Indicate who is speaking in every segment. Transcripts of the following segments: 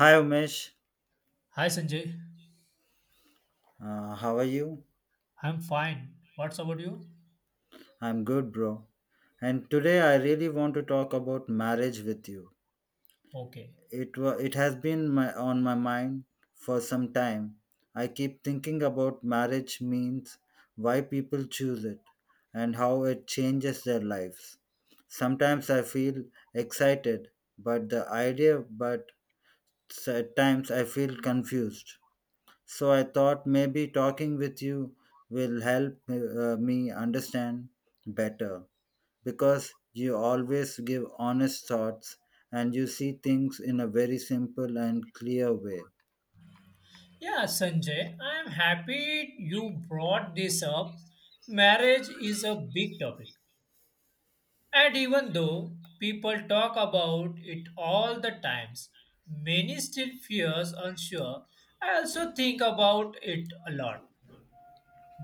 Speaker 1: Hi Umesh,
Speaker 2: Hi Sanjay,
Speaker 1: how are you?
Speaker 2: I'm fine. What's about you?
Speaker 1: I'm good, bro. And today I really want to talk about marriage with you.
Speaker 2: Okay.
Speaker 1: It has been my, on my mind for some time. I keep thinking about marriage means, why people choose it, and how it changes their lives. Sometimes I feel excited, but the idea, but at times I feel confused. So I thought maybe talking with you will help me understand better because you always give honest thoughts and you see things in a very simple and clear way.
Speaker 2: Yeah, Sanjay, I'm happy you brought this up. Marriage is a big topic. And even though people talk about it all the times, many still fears unsure. I also think about it a lot.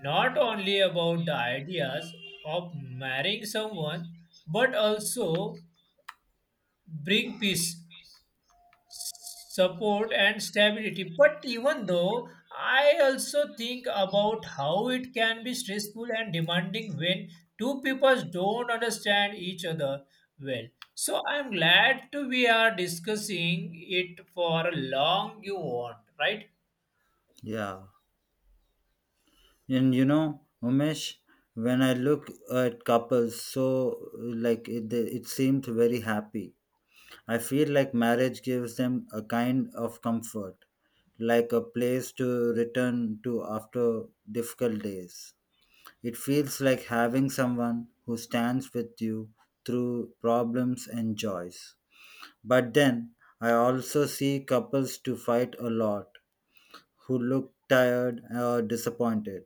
Speaker 2: Not only about the ideas of marrying someone, but also bring peace support and stability, but even though I also think about how it can be stressful and demanding when two people don't understand each other well. So I'm glad to we are discussing it for long you want, right?
Speaker 1: Yeah. And you know, Umesh, when I look at couples, so like it, it seemed very happy. I feel like marriage gives them a kind of comfort, like a place to return to after difficult days. It feels like having someone who stands with you through problems and joys. But then I also see couples to fight a lot who look tired or disappointed.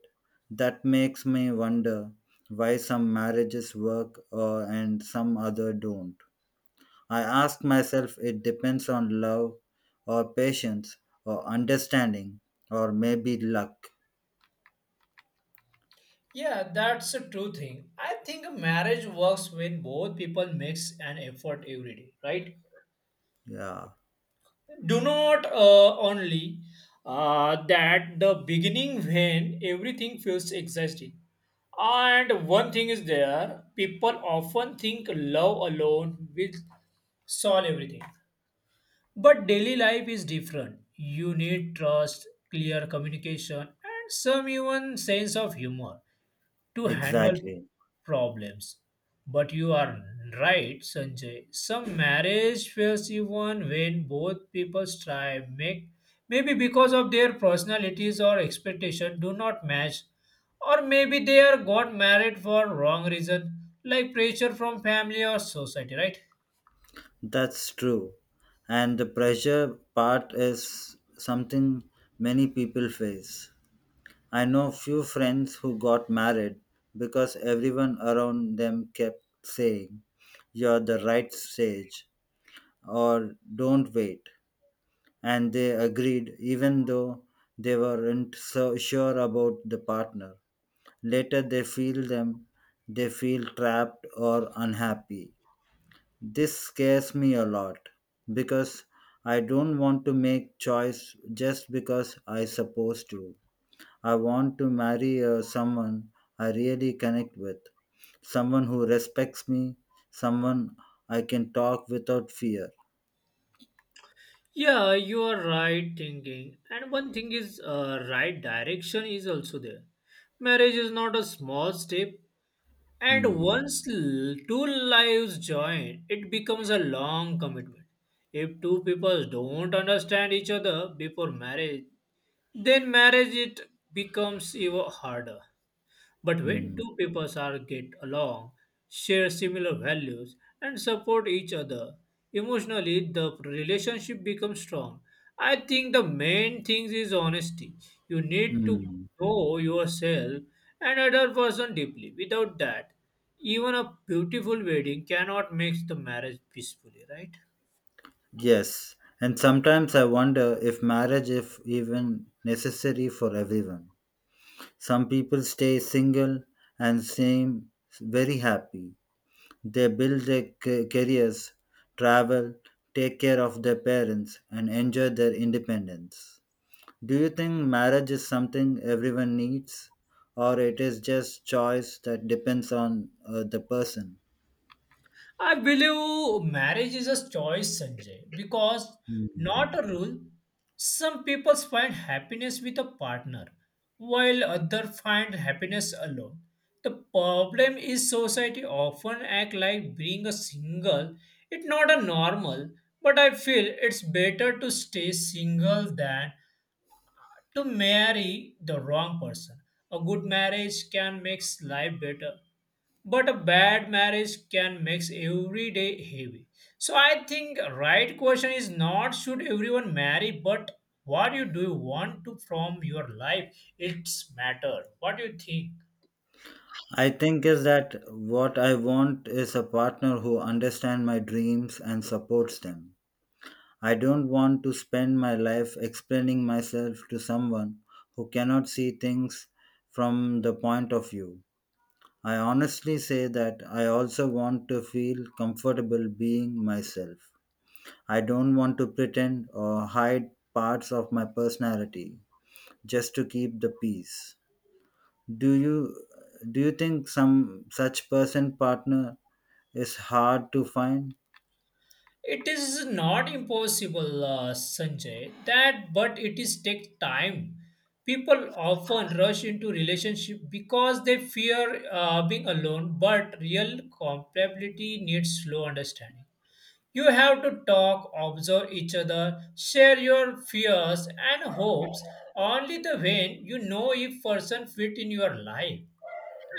Speaker 1: That makes me wonder why some marriages work and some other don't. I ask myself it depends on love or patience or understanding or maybe luck.
Speaker 2: Yeah, that's a true thing. I think a marriage works when both people makes an effort every day, right?
Speaker 1: Yeah,
Speaker 2: Do not only that the beginning when everything feels exhausting, and one thing is there people often think love alone will solve everything, but daily life is different. You need trust, clear communication, and some even sense of humor to handle
Speaker 1: exactly.
Speaker 2: problems. But you are right, Sanjay. Some marriage fails even when both people strive, make, maybe because of their personalities or expectation do not match, or maybe they are got married for wrong reason, like pressure from family or society, right?
Speaker 1: That's true. And the pressure part is something many people face. I know few friends who got married because everyone around them kept saying, you're the right stage, or don't wait. And they agreed, even though they weren't so sure about the partner. Later, they feel trapped or unhappy. This scares me a lot because I don't want to make choice just because I supposed to. I want to marry someone I really connect with, someone who respects me, someone I can talk without fear.
Speaker 2: Yeah, you are right thinking. And one thing is, right direction is also there. Marriage is not a small step, and
Speaker 1: Hmm.
Speaker 2: once two lives join, it becomes a long commitment. If two people don't understand each other before marriage, then marriage it becomes even harder. But when
Speaker 1: Hmm.
Speaker 2: two peoples are get along, share similar values, and support each other emotionally, the relationship becomes strong. I think the main thing is honesty. You need to
Speaker 1: Hmm.
Speaker 2: know yourself and other person deeply. Without that, even a beautiful wedding cannot make the marriage peacefully, right?
Speaker 1: Yes, and sometimes I wonder if marriage is even necessary for everyone. Some people stay single and seem very happy. They build their careers, travel, take care of their parents, and enjoy their independence. Do you think marriage is something everyone needs, or it is just choice that depends on the person?
Speaker 2: I believe marriage is a choice, Sanjay, because
Speaker 1: Mm.
Speaker 2: not a rule. Some people find happiness with a partner, while others find happiness alone. The problem is society often act like being a single. It's not a normal, but I feel it's better to stay single than to marry the wrong person. A good marriage can make life better, but a bad marriage can make every day heavy. So I think right question is not should everyone marry, but what you do you want to from your life? It's matter. What do you think?
Speaker 1: I think is that what I want is a partner who understands my dreams and supports them. I don't want to spend my life explaining myself to someone who cannot see things from the point of view. I honestly say that I also want to feel comfortable being myself. I don't want to pretend or hide parts of my personality just to keep the peace. Do you do you think some such person partner is hard to find?
Speaker 2: It is not impossible, Sanjay. That but it is take time. People often rush into relationship because they fear being alone, but real compatibility needs slow understanding. You have to talk, observe each other, share your fears and hopes. Only the when you know if person fit in your life.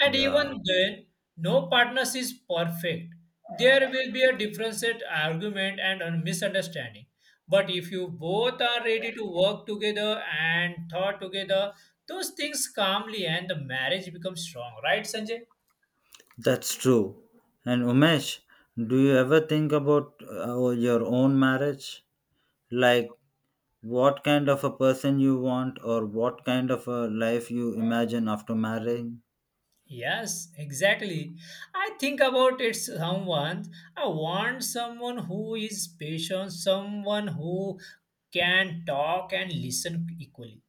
Speaker 2: And
Speaker 1: Yeah,
Speaker 2: even then, no partners is perfect. There will be a difference at argument and a misunderstanding. But if you both are ready to work together and thought together, those things calmly and the marriage becomes strong, right, Sanjay?
Speaker 1: that's true. And Umesh, do you ever think about your own marriage? Like what kind of a person you want or what kind of a life you imagine after marrying.
Speaker 2: Yes, exactly. I think about it someone. I want someone who is patient, someone who can talk and listen equally.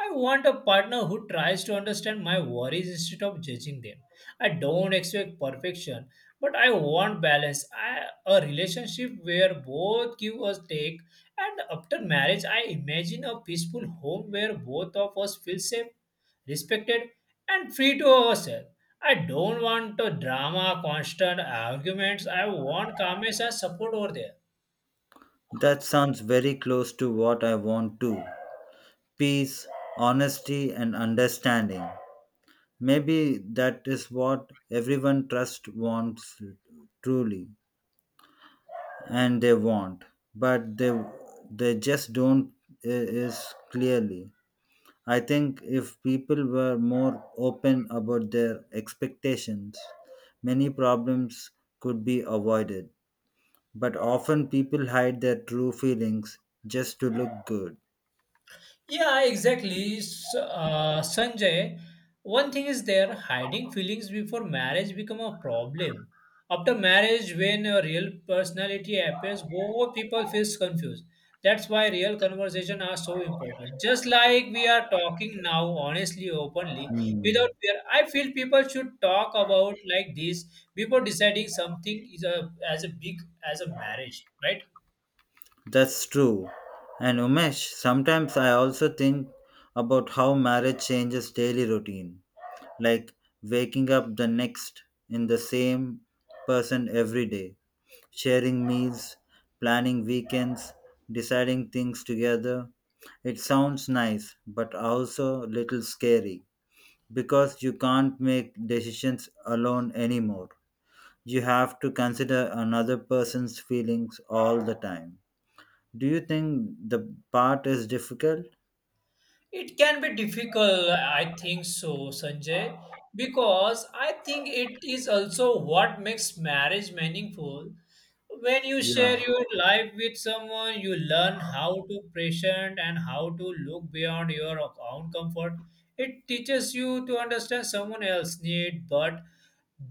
Speaker 2: I want a partner who tries to understand my worries instead of judging them. I don't expect perfection, but I want balance. I, a relationship where both give us take, and after marriage, I imagine a peaceful home where both of us feel safe, respected, and free to ourselves. I don't want a drama, constant arguments. I want calmness and support over there.
Speaker 1: That sounds very close to what I want too, peace, honesty, and understanding. Maybe that is what everyone trust wants truly and they want, but they just don't is clearly. I think if people were more open about their expectations, many problems could be avoided. But often people hide their true feelings just to look good.
Speaker 2: Yeah, exactly. Sanjay, one thing is there hiding feelings before marriage become a problem. After marriage, when a real personality appears, both people feels confused. That's why real conversation are so important. Just like we are talking now, honestly, openly,
Speaker 1: Hmm.
Speaker 2: without fear. I feel people should talk about like this before deciding something is a as a big as a marriage, right?
Speaker 1: That's true. And Umesh, sometimes I also think about how marriage changes daily routine, like waking up the next in the same person every day, sharing meals, planning weekends, deciding things together. It sounds nice, but also a little scary because you can't make decisions alone anymore. You have to consider another person's feelings all the time. Do you think the part is difficult?
Speaker 2: It can be difficult, I think so, Sanjay, because I think it is also what makes marriage meaningful. When you share
Speaker 1: Yeah.
Speaker 2: your life with someone, you learn how to patient and how to look beyond your own comfort. It teaches you to understand someone else's need, but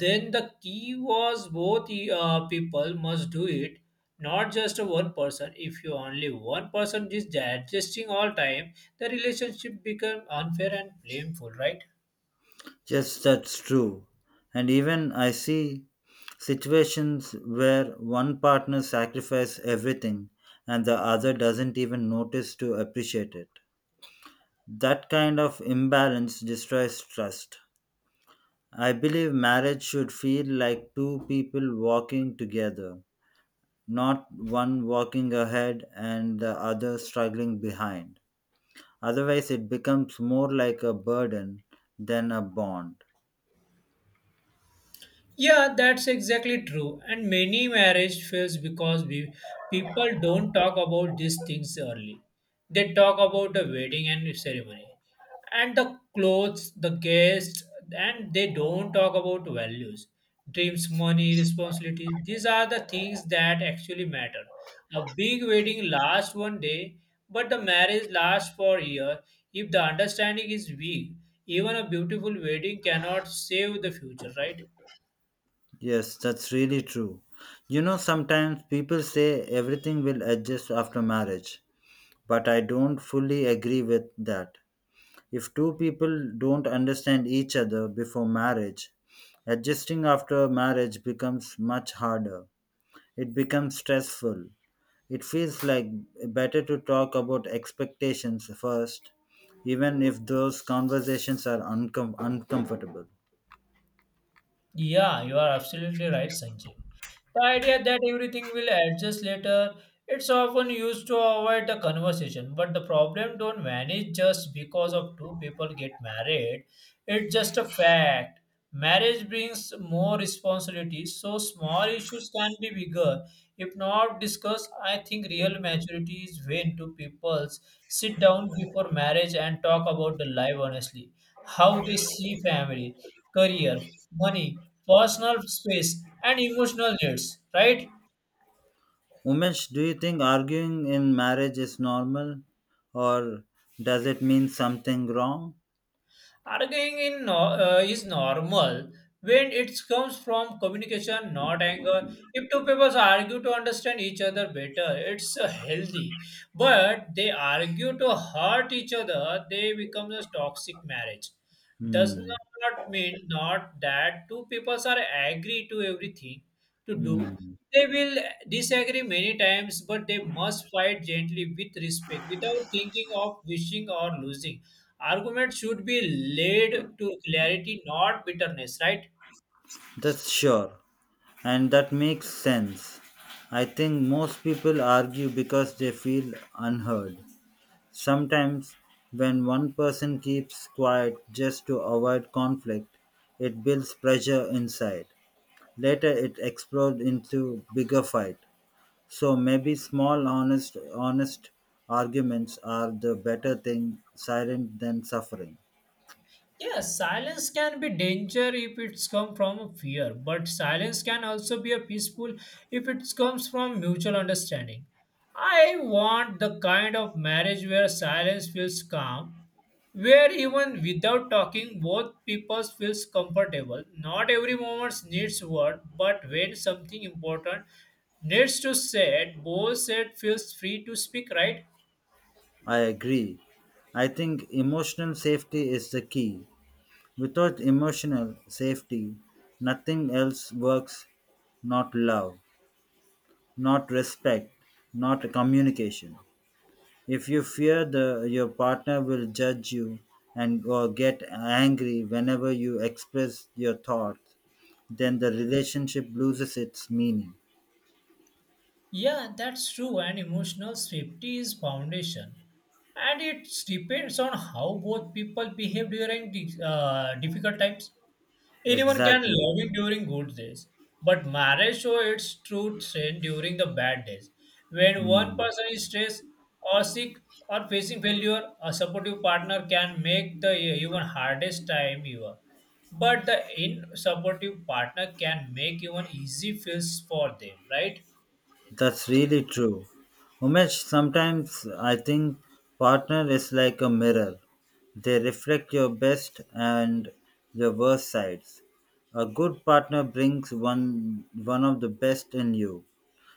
Speaker 2: then the key was both people must do it, not just a one person. If you only one person is adjusting all time, the relationship become unfair and blameful, right?
Speaker 1: Yes, that's true. And even I see situations where one partner sacrifices everything and the other doesn't even notice to appreciate it. That kind of imbalance destroys trust. I believe marriage should feel like two people walking together, not one walking ahead and the other struggling behind. Otherwise, it becomes more like a burden than a bond.
Speaker 2: Yeah, that's exactly true. And many marriage fails because people don't talk about these things early. They talk about the wedding and ceremony, and the clothes, the guests, and they don't talk about values, dreams, money, responsibilities. These are the things that actually matter. A big wedding lasts one day, but the marriage lasts for a year. If the understanding is weak, even a beautiful wedding cannot save the future, right?
Speaker 1: Yes, that's really true. You know, sometimes people say everything will adjust after marriage, but I don't fully agree with that. If two people don't understand each other before marriage, adjusting after marriage becomes much harder. It becomes stressful. It feels like better to talk about expectations first, even if those conversations are uncomfortable.
Speaker 2: Yeah, you are absolutely right, Sanjay. The idea that everything will adjust later, it's often used to avoid the conversation, but the problem don't vanish just because of two people get married. It's just a fact. Marriage brings more responsibility, so small issues can be bigger. If not discussed, I think real maturity is when two people sit down before marriage and talk about the life honestly, how they see family, career, money, personal space, and emotional needs, right?
Speaker 1: Umesh, do you think arguing in marriage is normal or does it mean something wrong?
Speaker 2: Arguing in no, is normal when it comes from communication, not anger. If two people argue to understand each other better, it's healthy. But they argue to hurt each other, they become a toxic marriage. Does
Speaker 1: Hmm.
Speaker 2: not mean not that two people are agree to everything to do.
Speaker 1: Hmm.
Speaker 2: They will disagree many times, but they must fight gently with respect without thinking of wishing or losing. Arguments should be led to clarity, not bitterness, right?
Speaker 1: That's sure. And that makes sense. I think most people argue because they feel unheard. Sometimes, when one person keeps quiet just to avoid conflict, it builds pressure inside. Later, it explodes into bigger fight. So maybe small honest arguments are the better thing silent than suffering.
Speaker 2: Yes, silence can be danger if it's come from a fear, but silence can also be a peaceful if it comes from mutual understanding. I want the kind of marriage where silence feels calm, where even without talking both people feels comfortable. Not every moment needs word, but when something important needs to said, both said feels free to speak, right?
Speaker 1: I agree. I think emotional safety is the key. Without emotional safety, nothing else works, not love, not respect, not communication. If you fear the your partner will judge you and or get angry whenever you express your thoughts, then the relationship loses its meaning.
Speaker 2: Yeah, that's true. And emotional safety is foundation, and it depends on how both people behave during difficult times. Anyone can
Speaker 1: Exactly.
Speaker 2: love you during good days, but marriage shows its true strength during the bad days. When one
Speaker 1: Hmm.
Speaker 2: person is stressed or sick or facing failure, a supportive partner can make the even hardest time ever. But the in supportive partner can make even easy feels for them, right?
Speaker 1: That's really true. Umesh, sometimes I think partner is like a mirror. They reflect your best and your worst sides. A good partner brings one of the best in you,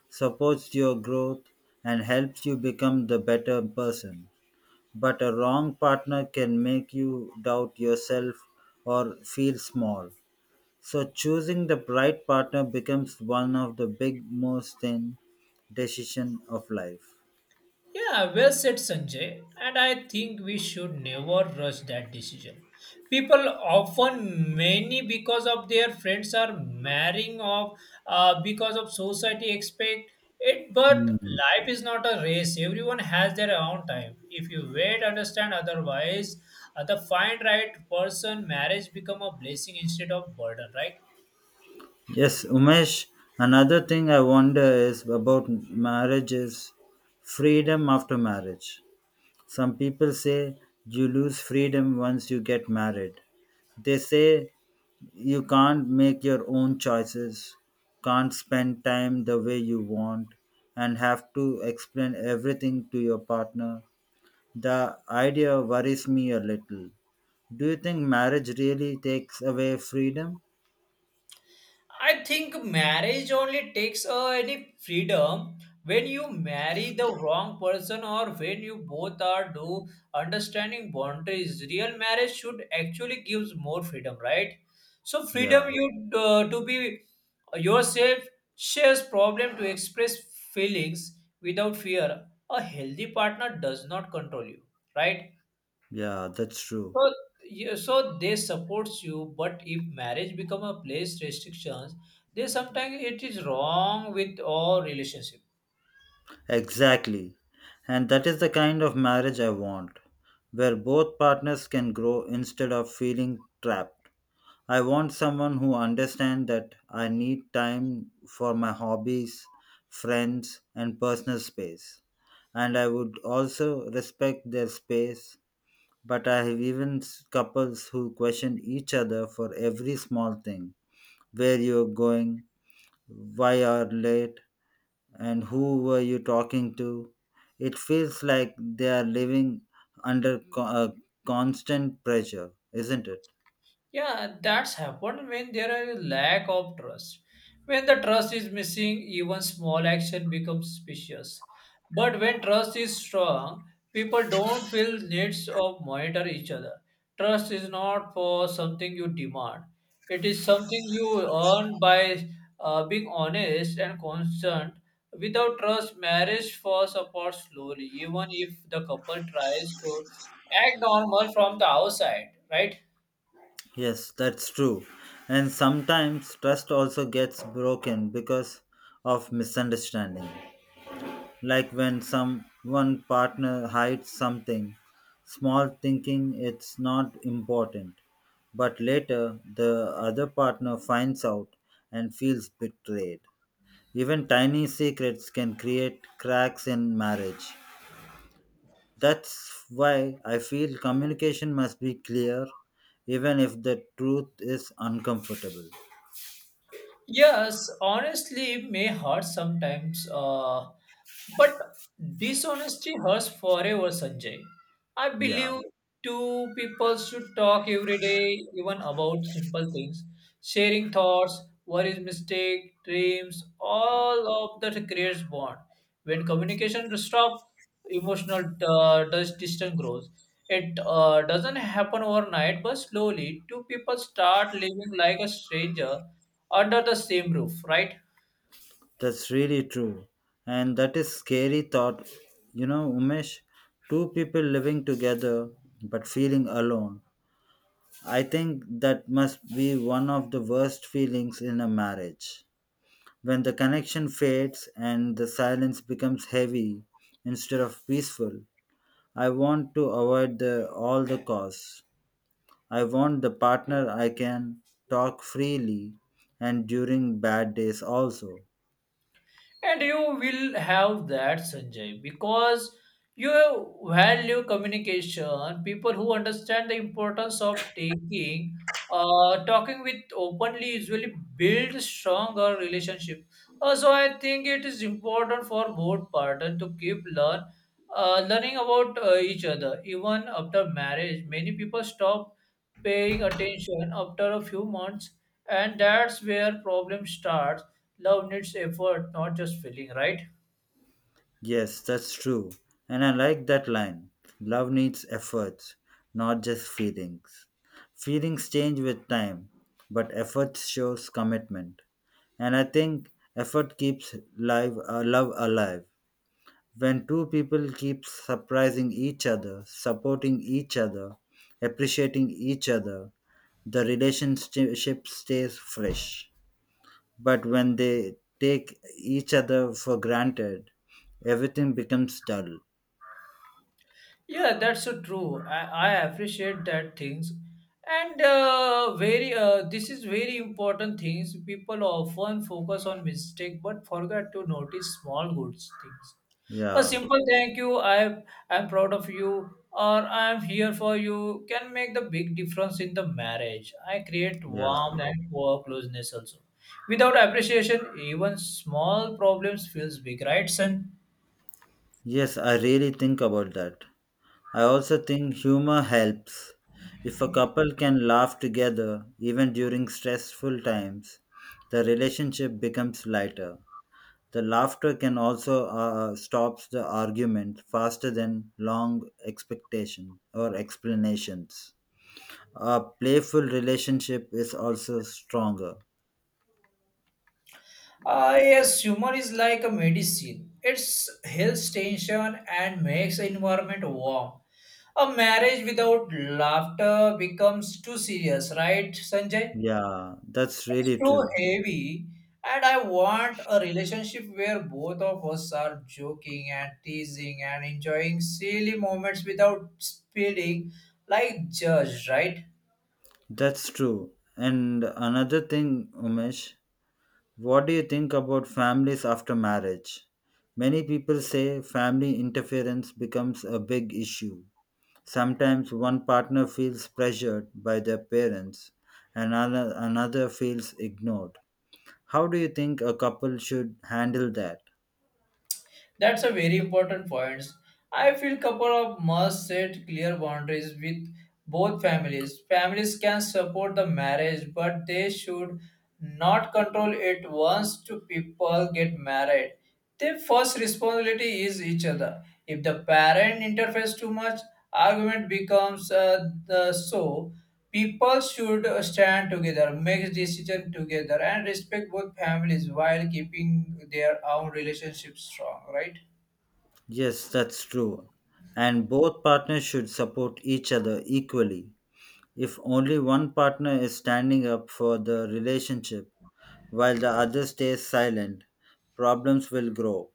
Speaker 1: supports your growth and helps you become the better person. But a wrong partner can make you doubt yourself or feel small. So choosing the right partner becomes one of the big most in decision of life.
Speaker 2: Yeah, well said, Sanjay. And I think we should never rush that decision. People often many because of their friends are marrying off, because of society expect it. But
Speaker 1: Hmm.
Speaker 2: life is not a race. Everyone has their own time. If you wait, understand. Otherwise, the find right person, marriage become a blessing instead of burden, right?
Speaker 1: Yes, Umesh, another thing I wonder is about marriage is freedom after marriage. Some people say you lose freedom once you get married. They say you can't make your own choices, can't spend time the way you want, and have to explain everything to your partner. The idea worries me a little. Do you think marriage really takes away freedom?
Speaker 2: I think marriage only takes any freedom when you marry the wrong person or when you both are do understanding boundaries. Real marriage should actually gives more freedom, right? So freedom
Speaker 1: Yeah,
Speaker 2: you to be yourself, shares problem to express feelings without fear. A healthy partner does not control you, right?
Speaker 1: yeah, that's true.
Speaker 2: So, yeah, so they supports you, but if marriage become a place restrictions, they sometimes it is wrong with all relationship.
Speaker 1: Exactly. And that is the kind of marriage I want, where both partners can grow instead of feeling trapped. I want someone who understands that I need time for my hobbies, friends, and personal space. And I would also respect their space. But I have even couples who question each other for every small thing, where you're going, why are late, and who were you talking to. It feels like they are living under constant pressure, isn't it?
Speaker 2: Yeah, that's happened when there are a lack of trust. When the trust is missing, even small action becomes suspicious. But when trust is strong, people don't feel needs of monitor each other. Trust is not for something you demand. It is something you earn by being honest and constant. Without trust, marriage falls apart slowly, even if the couple tries to act normal from the outside, right?
Speaker 1: Yes, that's true. And sometimes trust also gets broken because of misunderstanding, like when some one partner hides something small thinking it's not important, but later the other partner finds out and feels betrayed. Even tiny secrets can create cracks in marriage. That's why I feel communication must be clear, even if the truth is uncomfortable.
Speaker 2: Yes, honestly, may hurt sometimes, but dishonesty hurts forever, Sanjay. I
Speaker 1: Yeah.
Speaker 2: believe two people should talk every day, even about simple things, sharing thoughts, worries, mistake, dreams, all of that creates bond. When communication stops, emotional distance grows. It doesn't happen overnight, but slowly, two people start living like a stranger under the same roof, right?
Speaker 1: That's really true. And that is scary thought. You know, Umesh, two people living together but feeling alone. I think that must be one of the worst feelings in a marriage. When the connection fades and the silence becomes heavy instead of peaceful. I want to avoid the all the costs. I want the partner I can talk freely and during bad days also.
Speaker 2: And you will have that, Sanjay, because you value communication. People who understand the importance of talking with openly usually build stronger relationship. So I think it is important for both partners to keep learning about each other. Even after marriage, many people stop paying attention after a few months, and that's where problem starts. Love needs effort, not just feeling, right?
Speaker 1: Yes, that's true. And I like that line. Love needs efforts, not just feelings. Feelings change with time, but effort shows commitment. And I think effort keeps live, love alive. When two people keep surprising each other, supporting each other, appreciating each other, the relationship stays fresh. But when they take each other for granted, everything becomes dull.
Speaker 2: Yeah, that's so true. I appreciate that things, and very this is very important things. People often focus on mistake but forget to notice small good things. A
Speaker 1: Yeah,
Speaker 2: simple thank you, I'm proud of you, or I'm here for you can make the big difference in the marriage. I create
Speaker 1: yeah.
Speaker 2: warmth and closeness also. Without appreciation, even small problems feels big, right, son?
Speaker 1: Yes, I really think about that. I also think humor helps. If a couple can laugh together, even during stressful times, the relationship becomes lighter. The laughter can also stops the argument faster than long expectation or explanations. A playful relationship is also stronger.
Speaker 2: Ah, yes, humor is like a medicine. It's heals tension and makes the environment warm. A marriage without laughter becomes too serious, right, Sanjay?
Speaker 1: Yeah, that's
Speaker 2: It's
Speaker 1: really
Speaker 2: too
Speaker 1: true.
Speaker 2: heavy, and I want a relationship where both of us are joking and teasing and enjoying silly moments without feeling like Judge, right.
Speaker 1: That's true. And another thing, Umesh, what do you think about families after marriage? Many people say family interference becomes a big issue. Sometimes one partner feels pressured by their parents and another feels ignored. How do you think a couple should handle that?
Speaker 2: That's a very important point. I feel couple of must set clear boundaries with both families. Families can support the marriage, but they should not control it once two people get married. Their first responsibility is each other. If the parent interferes too much, argument becomes the so. People should stand together, make decisions together, and respect both families while keeping their own relationships strong, right?
Speaker 1: Yes, that's true. And both partners should support each other equally. If only one partner is standing up for the relationship while the other stays silent, problems will grow.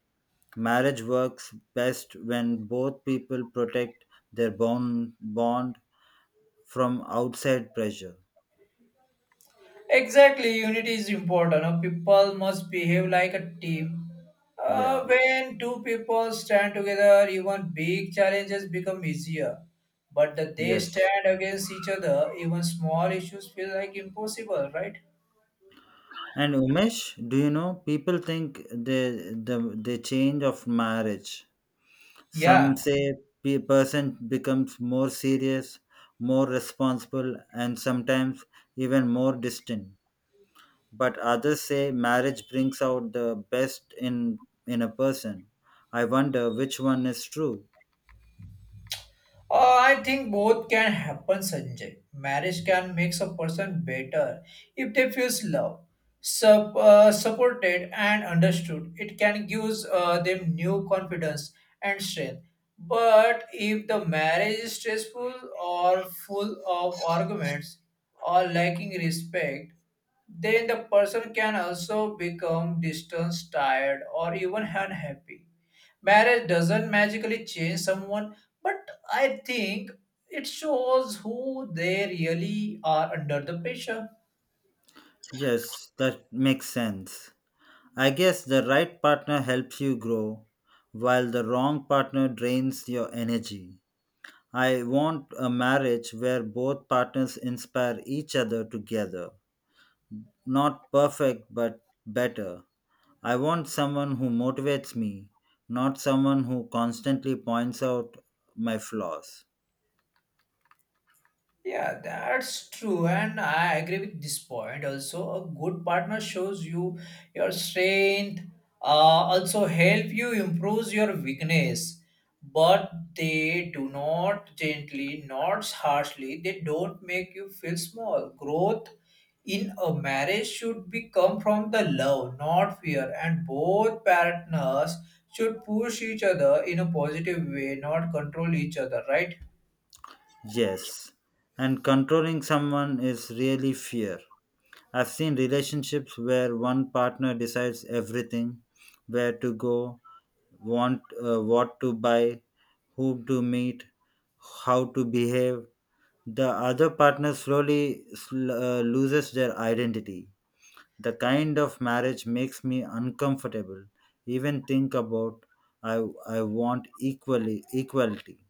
Speaker 1: Marriage works best when both people protect their bond from outside pressure.
Speaker 2: Exactly, unity is important. People must behave like a team.
Speaker 1: Yeah,
Speaker 2: When two people stand together, even big challenges become easier. But that they
Speaker 1: yes.
Speaker 2: stand against each other, even small issues feel like impossible, right?
Speaker 1: And Umesh, do you know people think the change of marriage?
Speaker 2: Yeah.
Speaker 1: Some say a person becomes more serious, more responsible, and sometimes even more distant. But others say marriage brings out the best in a person. I wonder which one is true.
Speaker 2: I think both can happen, Sanjay. Marriage can make a person better if they feel loved, supported, and understood. It can give them new confidence and strength. But if the marriage is stressful or full of arguments or lacking respect, then the person can also become distant, tired, or even unhappy. Marriage doesn't magically change someone, but I think it shows who they really are under the pressure.
Speaker 1: Yes, that makes sense. I guess the right partner helps you grow, while the wrong partner drains your energy. I want a marriage where both partners inspire each other together. Not perfect, but better. I want someone who motivates me, not someone who constantly points out my flaws.
Speaker 2: Yeah, that's true, and I agree with this point. Also, a good partner shows you your strength, also help you improve your weakness, but they do not gently, not harshly. They don't make you feel small. Growth in a marriage should be come from the love, not fear, and both partners should push each other in a positive way, not control each other, right?
Speaker 1: Yes, and controlling someone is really fear. I've seen relationships where one partner decides everything, where to go, want, what to buy, who to meet, how to behave. The other partner slowly loses their identity. The kind of marriage makes me uncomfortable. Even think about I I want equally equality.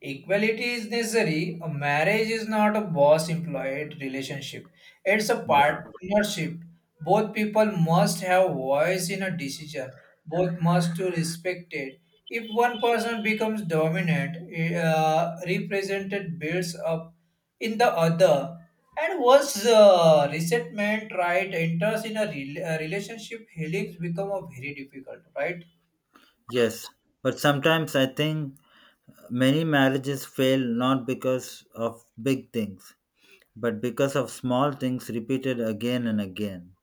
Speaker 2: Equality is necessary. A marriage is not a boss employed relationship, it's a
Speaker 1: Yeah.
Speaker 2: partnership. Both people must have voice in a decision, both must to respect it. If one person becomes dominant, represented builds up in the other. And once resentment, right, enters in a, a relationship, healings become a very difficult, right?
Speaker 1: Yes, but sometimes I think many marriages fail not because of big things, but because of small things repeated again and again,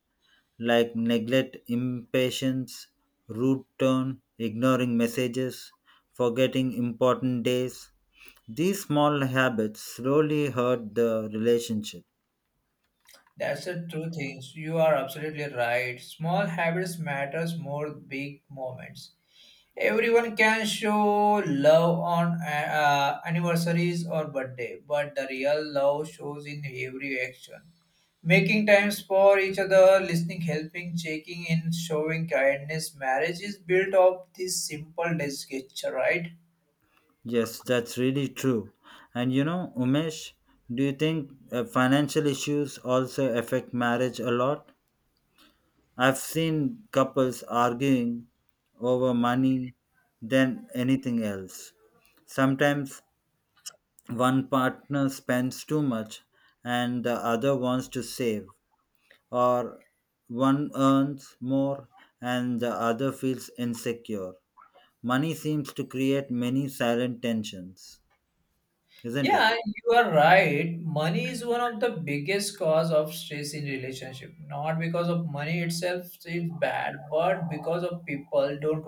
Speaker 1: like neglect, impatience, rude tone, ignoring messages, forgetting important days. These small habits slowly hurt the relationship.
Speaker 2: That's the true thing. So you are absolutely right. Small habits matters more big moments. Everyone can show love on anniversaries or birthday, but the real love shows in every action. Making times for each other, listening, helping, checking in, showing kindness. Marriage is built of this simple gesture, right?
Speaker 1: Yes, that's really true. And you know, Umesh, do you think financial issues also affect marriage a lot? I've seen couples arguing over money than anything else. Sometimes one partner spends too much and the other wants to save, or one earns more and the other feels insecure. Money seems to create many silent tensions, isn't it?
Speaker 2: Yeah, you are right. Money is one of the biggest cause of stress in relationship. Not because of money itself is bad, but because of people don't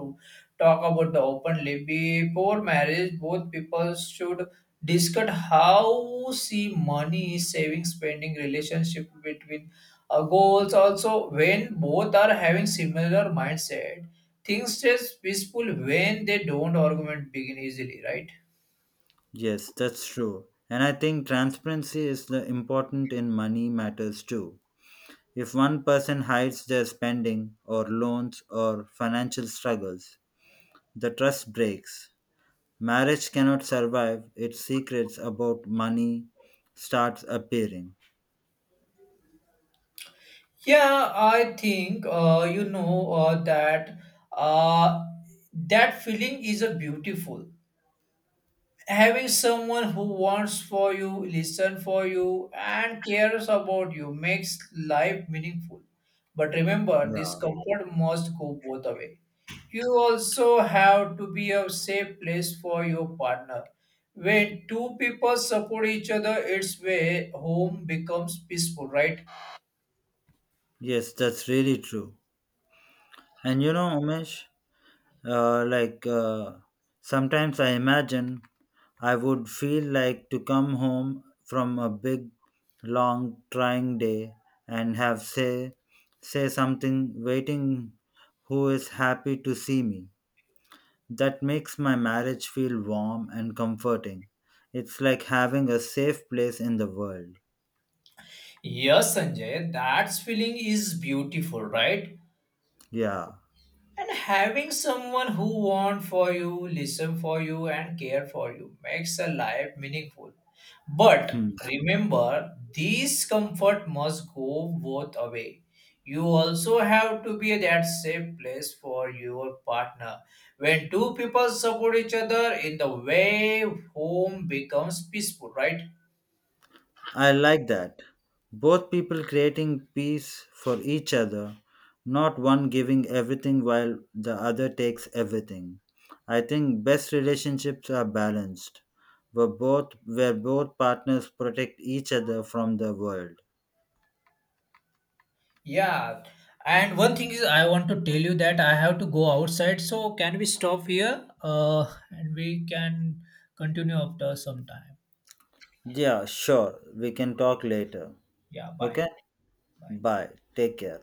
Speaker 2: talk about the openly. Before marriage, both people should discuss how see money, saving, spending relationship between goals. Also, when both are having similar mindset, things stays peaceful when they don't argument begin easily, right?
Speaker 1: Yes, that's true. And I think transparency is the important in money matters too. If one person hides their spending or loans or financial struggles, the trust breaks. Marriage cannot survive, its secrets about money starts appearing.
Speaker 2: Yeah, I think that uh, that feeling is a beautiful. Having someone who wants for you, listen for you, and cares about you makes life meaningful. But remember, this
Speaker 1: Yeah.
Speaker 2: comfort must go both away. You also have to be a safe place for your partner. When two people support each other, it's where home becomes peaceful, right?
Speaker 1: Yes, that's really true. And you know, Umesh, uh, like uh, sometimes I imagine I would feel like to come home from a big, long, trying day and have say something waiting who is happy to see me. That makes my marriage feel warm and comforting. It's like having a safe place in the world.
Speaker 2: Yes, Sanjay, that feeling is beautiful, right?
Speaker 1: Yeah,
Speaker 2: And having someone who want for you, listen for you, and care for you makes a life meaningful. But
Speaker 1: hmm.
Speaker 2: remember, this comfort must go both away. You also have to be that safe place for your partner. When two people support each other in the way, home becomes peaceful, right?
Speaker 1: I like that. Both people creating peace for each other, not one giving everything while the other takes everything. I think best relationships are balanced, where both partners protect each other from the world.
Speaker 2: Yeah, and one thing is, I want to tell you that I have to go outside. So can we stop here? And we can continue after some time.
Speaker 1: Yeah, sure. We can talk later.
Speaker 2: Yeah,
Speaker 1: Okay?
Speaker 2: bye. Bye.
Speaker 1: Bye. Take care.